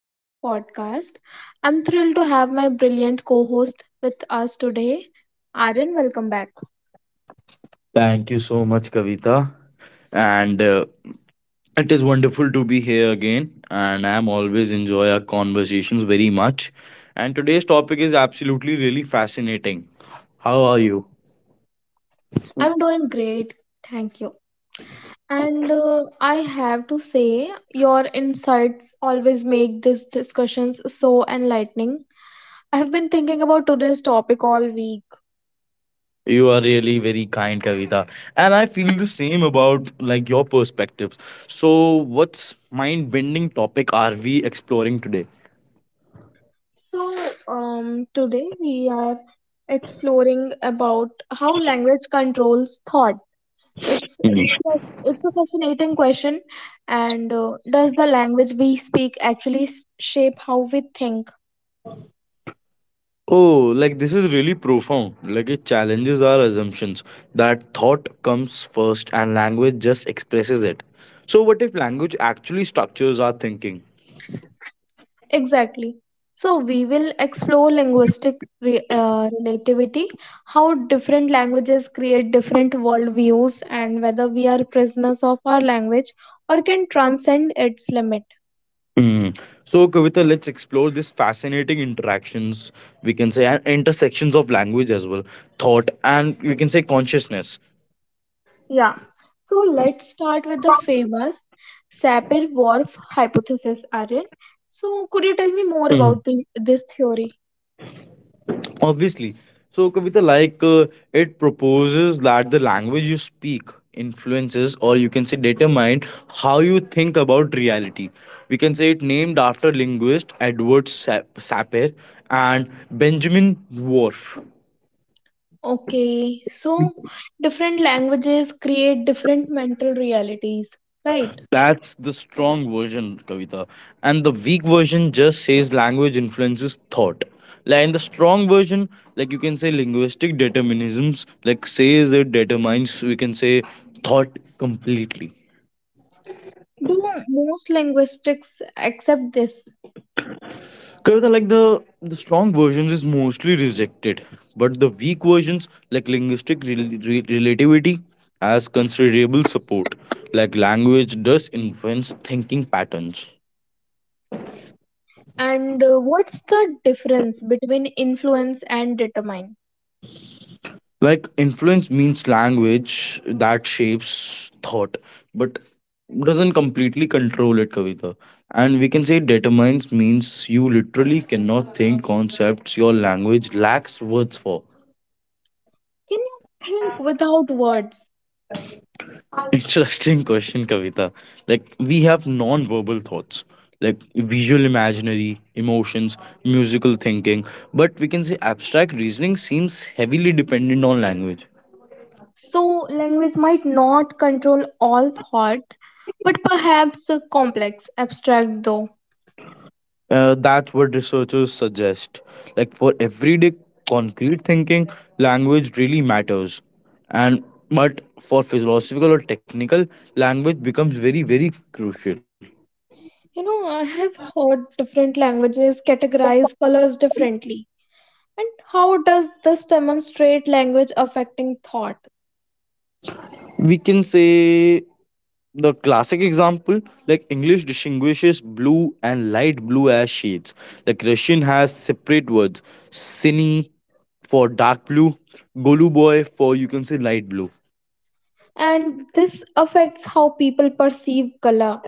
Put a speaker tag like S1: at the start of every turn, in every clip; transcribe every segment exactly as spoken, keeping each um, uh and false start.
S1: po- podcast. I'm thrilled to have my brilliant co host with us today. Aryan, welcome back.
S2: Thank you so much, Kavita. And uh, It is wonderful to be here again. And I'm always enjoy our conversations very much. And today's topic is absolutely really fascinating. How are you?
S1: I'm doing great, thank you. And uh, I have to say, your insights always make these discussions so enlightening. I have been thinking about today's topic all week.
S2: You are really very kind, Kavita. And I feel the same about like your perspectives. So, what's mind-bending topic are we exploring today?
S1: So, um, Today we are exploring about how language controls thought. It's it's a fascinating question. And uh, Does the language we speak actually s- shape how we think?
S2: Oh, like this is really profound. Like it challenges our assumptions that thought comes first and language just expresses it. So, what if language actually structures our thinking?
S1: Exactly. So we will explore linguistic re- uh, relativity, how different languages create different worldviews, and whether we are prisoners of our language or can transcend its limit.
S2: Mhm. So, Kavita, let's explore this fascinating interactions, we can say, and intersections of language as well, thought, and we can say consciousness.
S1: Yeah. So let's start with the famous Sapir-Whorf hypothesis, Aryan. So could you tell me more about the, this theory?
S2: Obviously. So, Kavita, like uh, it proposes that the language you speak influences or you can say determine how you think about reality. We can say it named after linguist Edward Sap- Sapir and Benjamin Whorf.
S1: Okay, so different languages create different mental realities, right?
S2: That's the strong version, Kavita. And the weak version just says language influences thought. Like in the strong version, like you can say linguistic determinisms, like says it determines, we can say thought completely.
S1: Do most linguistics accept this?
S2: Kavita, like the the strong versions is mostly rejected, but the weak versions, like linguistic rel- re- relativity, has considerable support. Like language does influence thinking patterns.
S1: And uh, What's the difference between influence and determine?
S2: Like influence means language that shapes thought, but doesn't completely control it, Kavita. And we can say determines means you literally cannot think concepts your language lacks words for.
S1: Can you think without words?
S2: Interesting question, Kavita. Like, we have non verbal thoughts, like visual imaginary, emotions, musical thinking, but we can say abstract reasoning seems heavily dependent on language.
S1: So, language might not control all thought, but perhaps uh, complex, abstract though.
S2: Uh, that's what researchers suggest. Like, for everyday concrete thinking, language really matters. And but for philosophical or technical, language becomes very, very crucial.
S1: You know, I have heard different languages categorize colors differently. And how does this demonstrate language affecting thought?
S2: We can say the classic example like english distinguishes blue and light blue as shades, like russian has separate words, cine for dark blue, goluboy for you can say light blue.
S1: And this affects how people perceive color.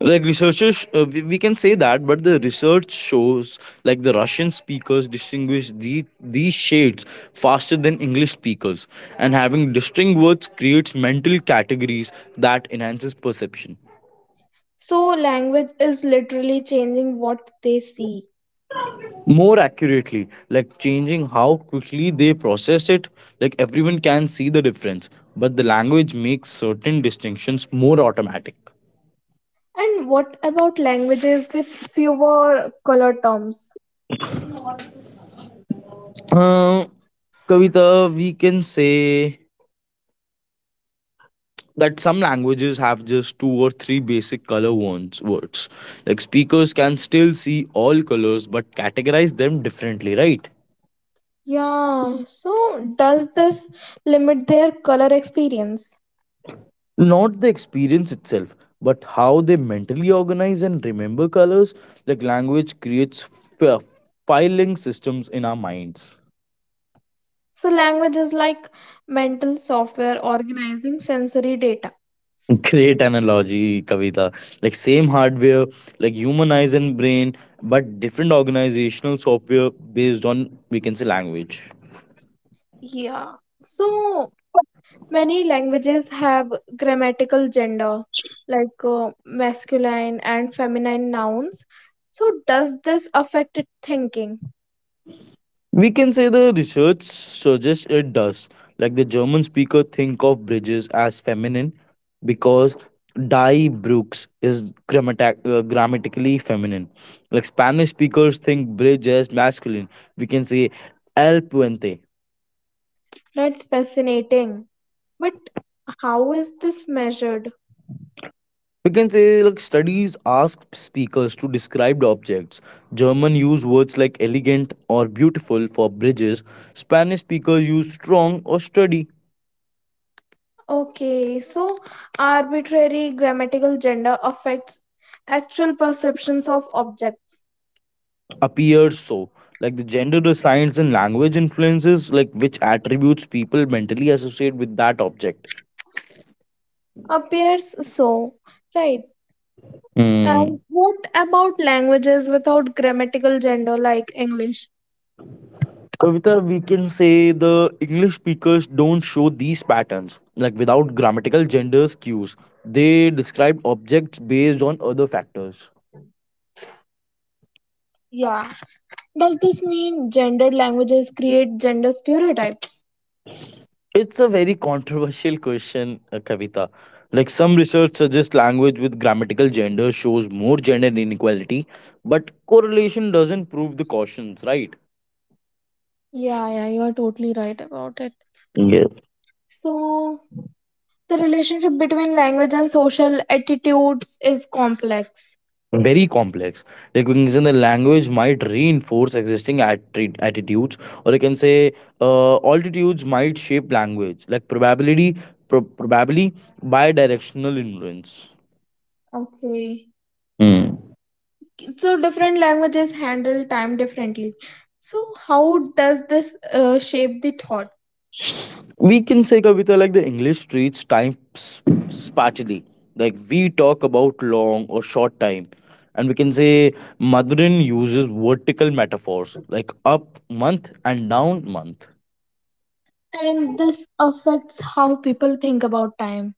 S2: Like researchers uh, we, we can say that, but the research shows like the russian speakers distinguish the, these shades faster than english speakers, and having distinct words creates mental categories that enhances perception.
S1: So, language is literally changing what they see.
S2: More accurately like changing how quickly they process it. Like everyone can see the difference, but the language makes certain distinctions more automatic.
S1: And what about languages with fewer color terms?
S2: Uh, kavita, we can say that some languages have just two or three basic color words words. Like speakers can still see all colors but categorize them differently, right?
S1: Yeah, so does this limit their color experience?
S2: Not the experience itself, but how they mentally organize and remember colors. Like language creates f- filing systems in our minds.
S1: So, language is like mental software organizing sensory data.
S2: Great analogy, Kavita. Like same hardware, like human eyes and brain, but different organizational software based on we can say language.
S1: Yeah, so many languages have grammatical gender, like uh, masculine and feminine nouns. So, does this affect thinking?
S2: We can say the research suggests it does. Like the German speaker think of bridges as feminine because die Brooks is grammata- uh, grammatically feminine. Like Spanish speakers think bridge as masculine. We can say el puente.
S1: That's fascinating. But how is this measured?
S2: We can say like studies ask speakers to describe the objects. German use words like elegant or beautiful for bridges. Spanish speakers use strong or sturdy.
S1: Okay, so arbitrary grammatical gender affects actual perceptions of objects.
S2: Appears so. Like the gender the science and language influences like which attributes people mentally associate with that object.
S1: Appears so, right?
S2: Hmm.
S1: And what about languages without grammatical gender like English?
S2: Kavita, we can say the English speakers don't show these patterns, like without grammatical gender cues. They describe objects based on other factors.
S1: Yeah, does this mean gendered languages create gender stereotypes?
S2: It's a very controversial question, uh, Kavita. Like some research suggests language with grammatical gender shows more gender inequality, but correlation doesn't prove the cautions, right?
S1: Yeah, yeah, you are totally right about it.
S2: Yes.
S1: So, the relationship between language and social attitudes is complex.
S2: Very complex. Recognizing the language might reinforce existing attri- attitudes, or you can say uh, altitudes might shape language, like probability, pro- probably bidirectional influence.
S1: Okay.
S2: Hmm.
S1: So, different languages handle time differently. So, how does this uh, shape the thought?
S2: We can say Kavita like the English treats time sp- spatially. Like we talk about long or short time. And we can say Madurin uses vertical metaphors like up month and down month.
S1: And this affects how people think about time.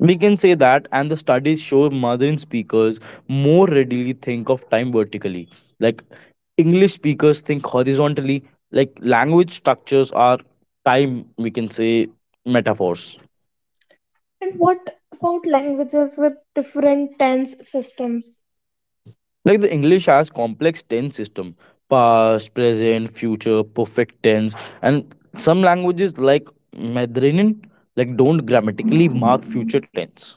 S2: We can say that, and the studies show modern speakers more readily think of time vertically. Like English speakers think horizontally, like language structures are time, we can say, metaphors.
S1: And what about languages with different tense systems?
S2: Like the English has complex tense system, past, present, future, perfect tense, and some languages like Mandarin like don't grammatically mark future tense.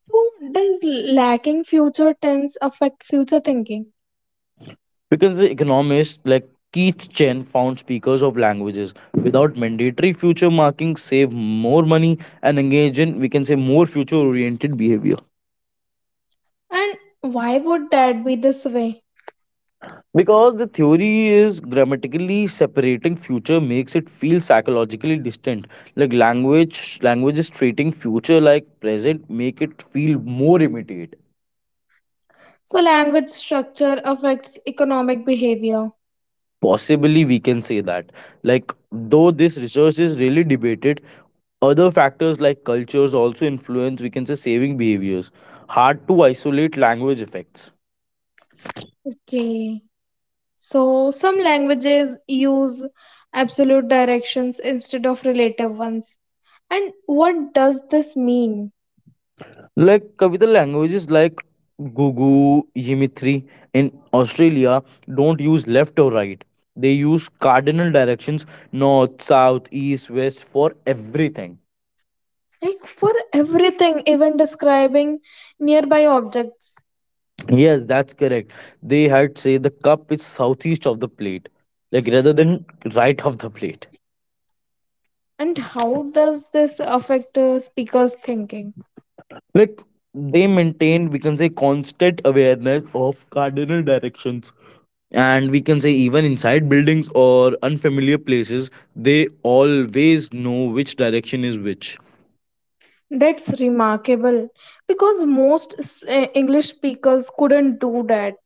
S1: So, does lacking future tense affect future thinking?
S2: Because the economist like Keith Chen found speakers of languages without mandatory future marking save more money and engage in, we can say, more future oriented behavior.
S1: And why would that be this way?
S2: Because the theory is grammatically separating future makes it feel psychologically distant. Like language, languages treating future like present make it feel more immediate.
S1: So, language structure affects economic behavior.
S2: Possibly we can say that. Like though this research is really debated, other factors like cultures also influence, we can say, saving behaviors. Hard to isolate language effects.
S1: Okay. So, some languages use absolute directions instead of relative ones. And what does this mean?
S2: Like Kavita languages like Gugu, Yimitri in Australia don't use left or right. They use cardinal directions, north, south, east, west for everything.
S1: Like for everything, even describing nearby objects.
S2: Yes, that's correct. They had say the cup is southeast of the plate, like rather than right of the plate.
S1: And how does this affect uh, speakers' thinking?
S2: Like they maintain, we can say, constant awareness of cardinal directions. And we can say, even inside buildings or unfamiliar places, they always know which direction is which.
S1: That's remarkable because most s- eh, English speakers couldn't do that.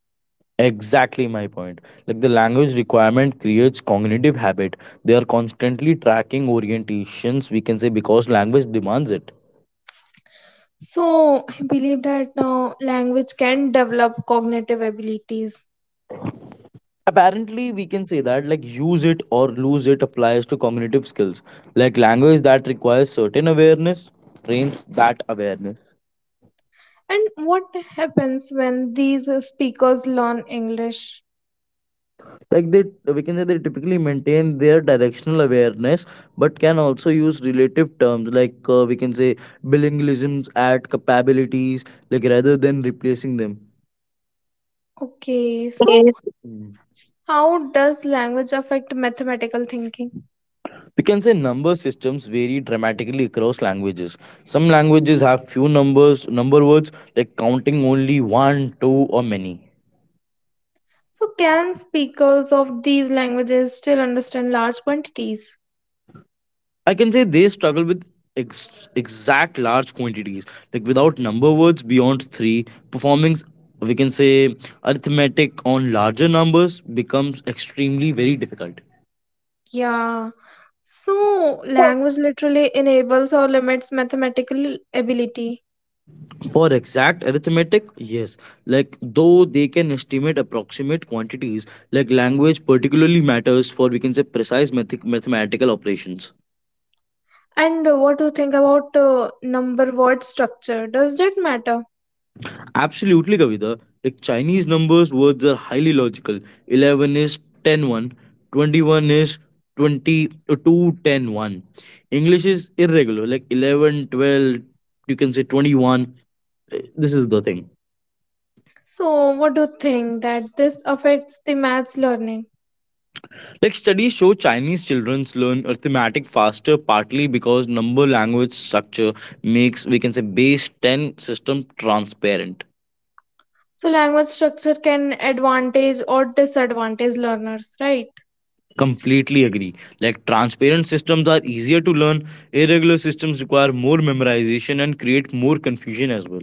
S2: Exactly my point. Like the language requirement creates cognitive habit. They are constantly tracking orientations, we can say, because language demands it.
S1: So I believe that now language can develop cognitive abilities.
S2: Apparently we can say that, like use it or lose it applies to cognitive skills. Like language that requires certain awareness trains that awareness.
S1: And what happens when these uh, speakers learn English?
S2: Like they we can say they typically maintain their directional awareness but can also use relative terms like uh, we can say bilingualisms add capabilities like rather than replacing them.
S1: Okay, so
S2: Yes.
S1: how does language affect mathematical thinking?
S2: We can say number systems vary dramatically across languages. Some languages have few numbers, number words like counting only one, two, or many.
S1: So can speakers of these languages still understand large quantities?
S2: I can say they struggle with ex- exact large quantities, like without number words beyond three. Performing, we can say, arithmetic on larger numbers becomes extremely very difficult.
S1: Yeah. So, language literally enables or limits mathematical ability.
S2: For exact arithmetic, yes. Like though they can estimate approximate quantities, like language particularly matters for we can say precise math- mathematical operations.
S1: And uh, What do you think about uh, number word structure? Does that matter?
S2: Absolutely, Kavita. Like Chinese numbers words are highly logical. Eleven is ten one, twenty-one is twenty uh, two ten, one. English is irregular, like eleven, twelve. You can say twenty-one. Uh, This is the thing.
S1: So, what do you think that this affects the maths learning?
S2: Like studies show Chinese children learn arithmetic faster, partly because number language structure makes we can say base ten system transparent.
S1: So, language structure can advantage or disadvantage learners, right?
S2: Completely agree. Like transparent systems are easier to learn. Irregular systems require more memorization and create more confusion as well.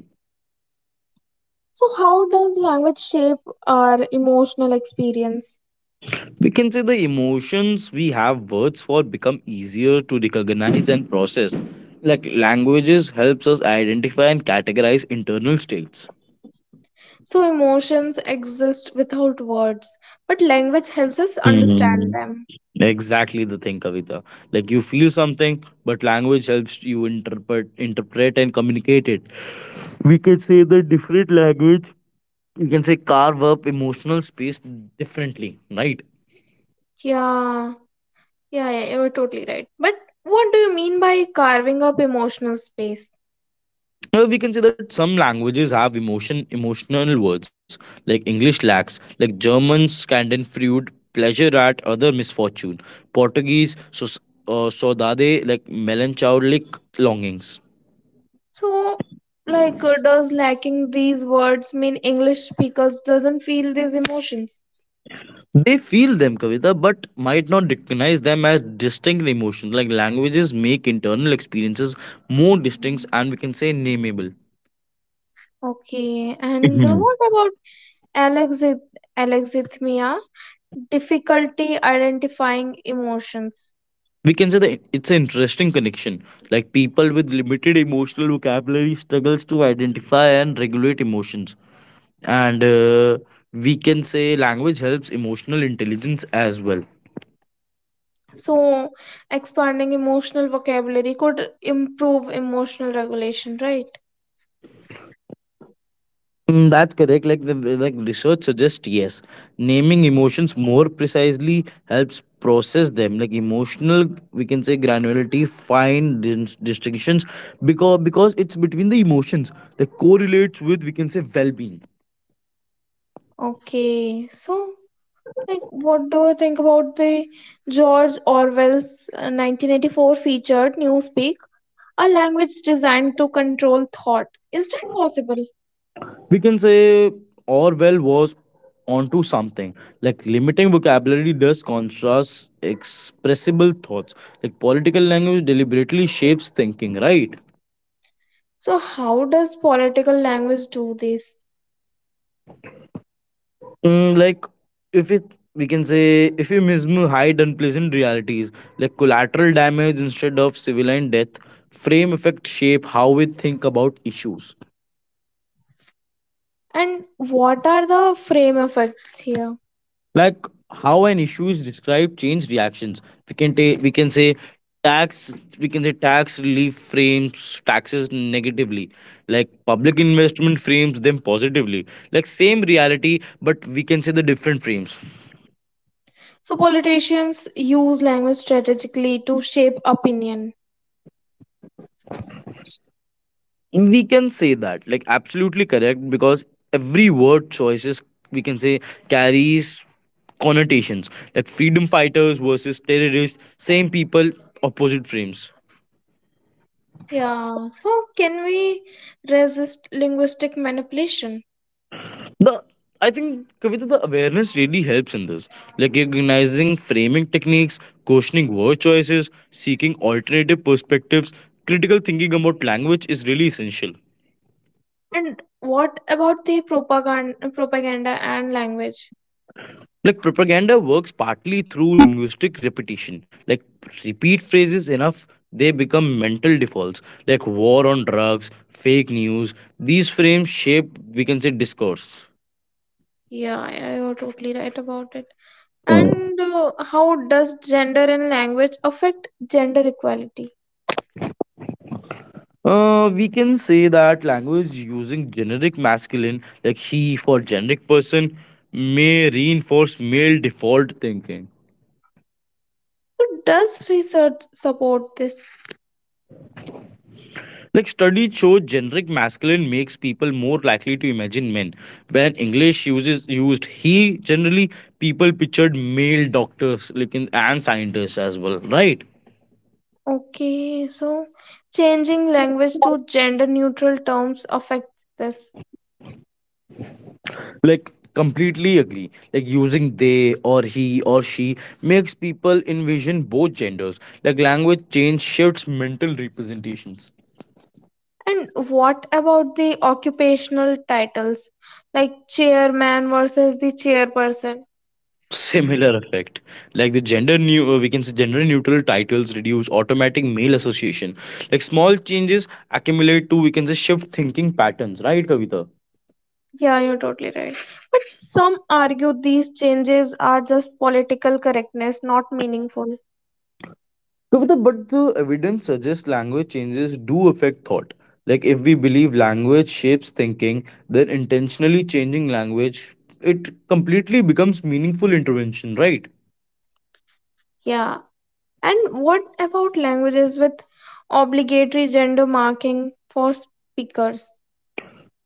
S1: So, how does language shape our emotional experience?
S2: We can say the emotions we have words for become easier to recognize and process. Like languages helps us identify and categorize internal states.
S1: So, emotions exist without words, but language helps us understand them.
S2: Exactly the thing, Kavita. Like you feel something, but language helps you interpret, interpret and communicate it. We can say the different language. You can say carve up emotional space differently, right?
S1: Yeah, yeah, yeah, you're totally right. But what do you mean by carving up emotional space?
S2: Uh, we can say that some languages have emotion, emotional words. Like English lacks, like German, Scandinavian, pleasure at other misfortune. Portuguese, so, uh, saudade, like melancholic longings.
S1: So, like, uh, does lacking these words mean English speakers doesn't feel these emotions?
S2: They feel them, Kavita, but might not recognize them as distinct emotions. Like languages make internal experiences more distinct and we can say nameable.
S1: Okay, and uh,
S2: Mhm.
S1: what about alexith alexithymia? Difficulty identifying emotions.
S2: We can say that it's an interesting connection. Like people with limited emotional vocabulary struggles to identify and regulate emotions. And uh, We can say language helps emotional intelligence as well.
S1: So, expanding emotional vocabulary could improve emotional regulation, right?
S2: Mm, that's correct. Like the the- like research suggests, yes, naming emotions more precisely helps process them. Like emotional, we can say granularity, fine dis- distinctions, because because it's between the emotions that correlates with we can say well-being.
S1: Okay, so like, what do you think about the George Orwell's uh, nineteen eighty-four featured Newspeak? A language designed to control thought. Is that possible?
S2: We can say Orwell was onto something. Like limiting vocabulary does contrast expressible thoughts. Like political language deliberately shapes thinking, right?
S1: So, how does political language do this?
S2: Mm, like if it we can say if you miss hide unpleasant realities like collateral damage instead of civilian death, frame effect shape how we think about issues.
S1: And what are the frame effects here?
S2: Like how an issue is described change reactions, we can take we can say tax we can say tax relief frames taxes negatively, like public investment frames them positively, like same reality but we can say the different frames.
S1: So, politicians use language strategically to shape opinion.
S2: We can say that, like absolutely correct because every word choices we can say carries connotations, like freedom fighters versus terrorists, same people, opposite frames.
S1: Yeah, so can we resist linguistic manipulation?
S2: The i think Kavita, the awareness really helps in this. Like recognizing framing techniques, questioning word choices, seeking alternative perspectives. Critical thinking about language is really essential.
S1: And what about the propaganda, propaganda and language?
S2: Like propaganda works partly through linguistic repetition. Like repeat phrases enough, they become mental defaults. Like war on drugs, fake news. These frames shape, we can say, discourse.
S1: Yeah, you're totally right about it.
S2: Mm.
S1: And uh, How does gender and language affect gender equality?
S2: Uh, we can say that language using generic masculine, like he for generic person, may reinforce male default thinking.
S1: So does research support this?
S2: Like studies show generic masculine makes people more likely to imagine men. When English uses used he, generally people pictured male doctors like in, and scientists as well, right?
S1: Okay, so changing language to gender neutral terms affects this.
S2: Like completely agree. Like using they or he or she makes people envision both genders. Like language change shifts mental representations.
S1: And what about the occupational titles like chairman versus the chairperson?
S2: Similar effect, like the gender new uh, we can say gender neutral titles reduce automatic male association. Like small changes accumulate to we can say shift thinking patterns, right kavita?
S1: Yeah, you're totally right. Some argue these changes are just political correctness, not meaningful.
S2: Kavita, but the evidence suggests language changes do affect thought. Like if we believe language shapes thinking, then intentionally changing language, it completely becomes meaningful intervention, right?
S1: Yeah, and what about languages with obligatory gender marking for speakers?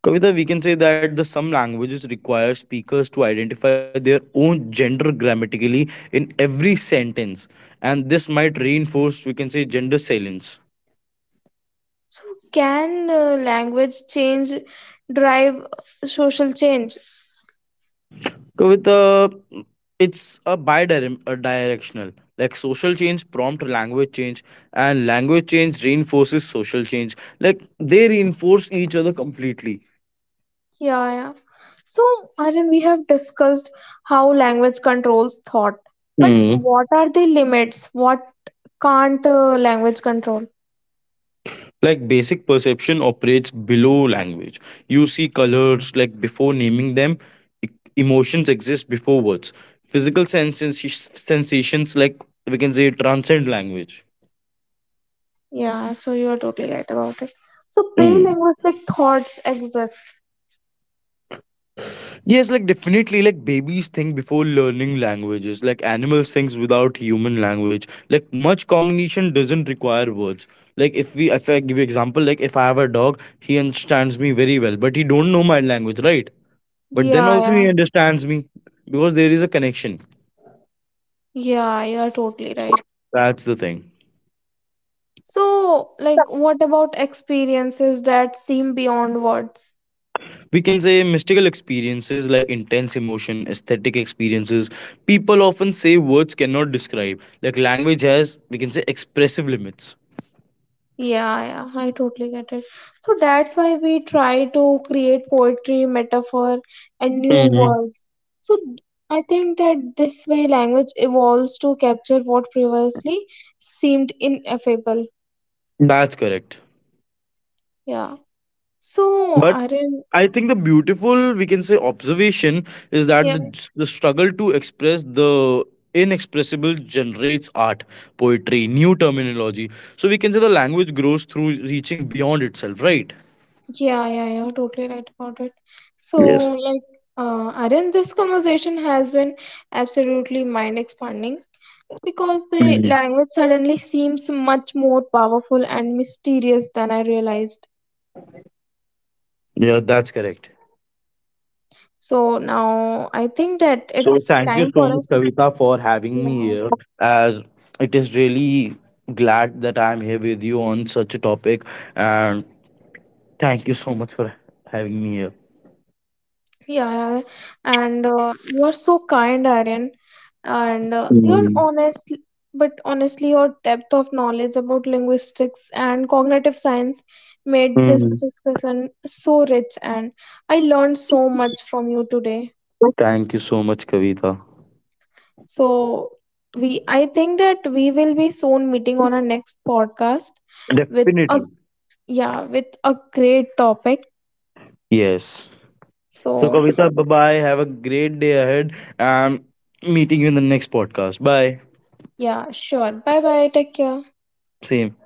S2: Kavita, we can say that the some languages require speakers to identify their own gender grammatically in every sentence, and this might reinforce, we can say, gender silence.
S1: So, can uh, language change drive social change?
S2: Kavita, it's a bi-directional. Like social change prompt language change, and language change reinforces social change. Like they reinforce each other completely.
S1: Yeah, yeah. So, Aryan, we have discussed how language controls thought, but what are the limits? What can't uh, language control?
S2: Like basic perception operates below language. You see colors like before naming them. E- emotions exist before words. Physical sensations sensations like we can say transcend language.
S1: Yeah, so you are totally right about it. So, pre
S2: Mm.
S1: linguistic thoughts exist.
S2: Yes, like definitely, like babies think before learning languages, like animals thinks without human language, like much cognition doesn't require words. Like if we if I give you example, like if I have a dog he understands me very well but he don't know my language, right? But then
S1: Yeah,
S2: also
S1: yeah,
S2: he understands me because there is a connection.
S1: yeah, you are totally right.
S2: That's the thing.
S1: So, like, what about experiences that seem beyond words?
S2: We can say mystical experiences like intense emotion, aesthetic experiences. People often say words cannot describe. Like language has, we can say, expressive limits.
S1: Yeah, yeah, I totally get it. So that's why we try to create poetry, metaphor, and new
S2: Mhm.
S1: words. So I think that this way language evolves to capture what previously seemed ineffable.
S2: That's correct.
S1: Yeah. So,
S2: But
S1: Aryan,
S2: I think the beautiful, we can say, observation is that
S1: yeah,
S2: the, the struggle to express the inexpressible generates art, poetry, new terminology. So we can say the language grows through reaching beyond itself, right?
S1: yeah, yeah, yeah, totally right about it. So,
S2: Yes.
S1: like, uh, Aryan, this conversation has been absolutely mind expanding. Because the
S2: Mhm.
S1: language suddenly seems much more powerful and mysterious than I realized.
S2: Yeah, that's correct.
S1: So now I think that
S2: So
S1: it's
S2: thank you
S1: time
S2: so
S1: for
S2: much,
S1: us.
S2: Kavita, for having me
S1: Yeah,
S2: here. As it is really glad that I'm here with you on such a topic, and thank you so much for having me here.
S1: yeah. And uh, You are so kind, Aryan. And uh, you're
S2: Mhm.
S1: honest, but honestly, your depth of knowledge about linguistics and cognitive science made this
S2: Mhm.
S1: discussion so rich. And I learned so much from you today.
S2: Thank you so much, Kavita.
S1: So we I think that we will be soon meeting on our next podcast with a
S2: Definitely.
S1: yeah, with a great topic.
S2: Yes. So
S1: So
S2: Kavita, bye bye. Have a great day ahead, and meeting you in the next podcast. Bye.
S1: yeah, sure. Bye bye. Take care.
S2: Same.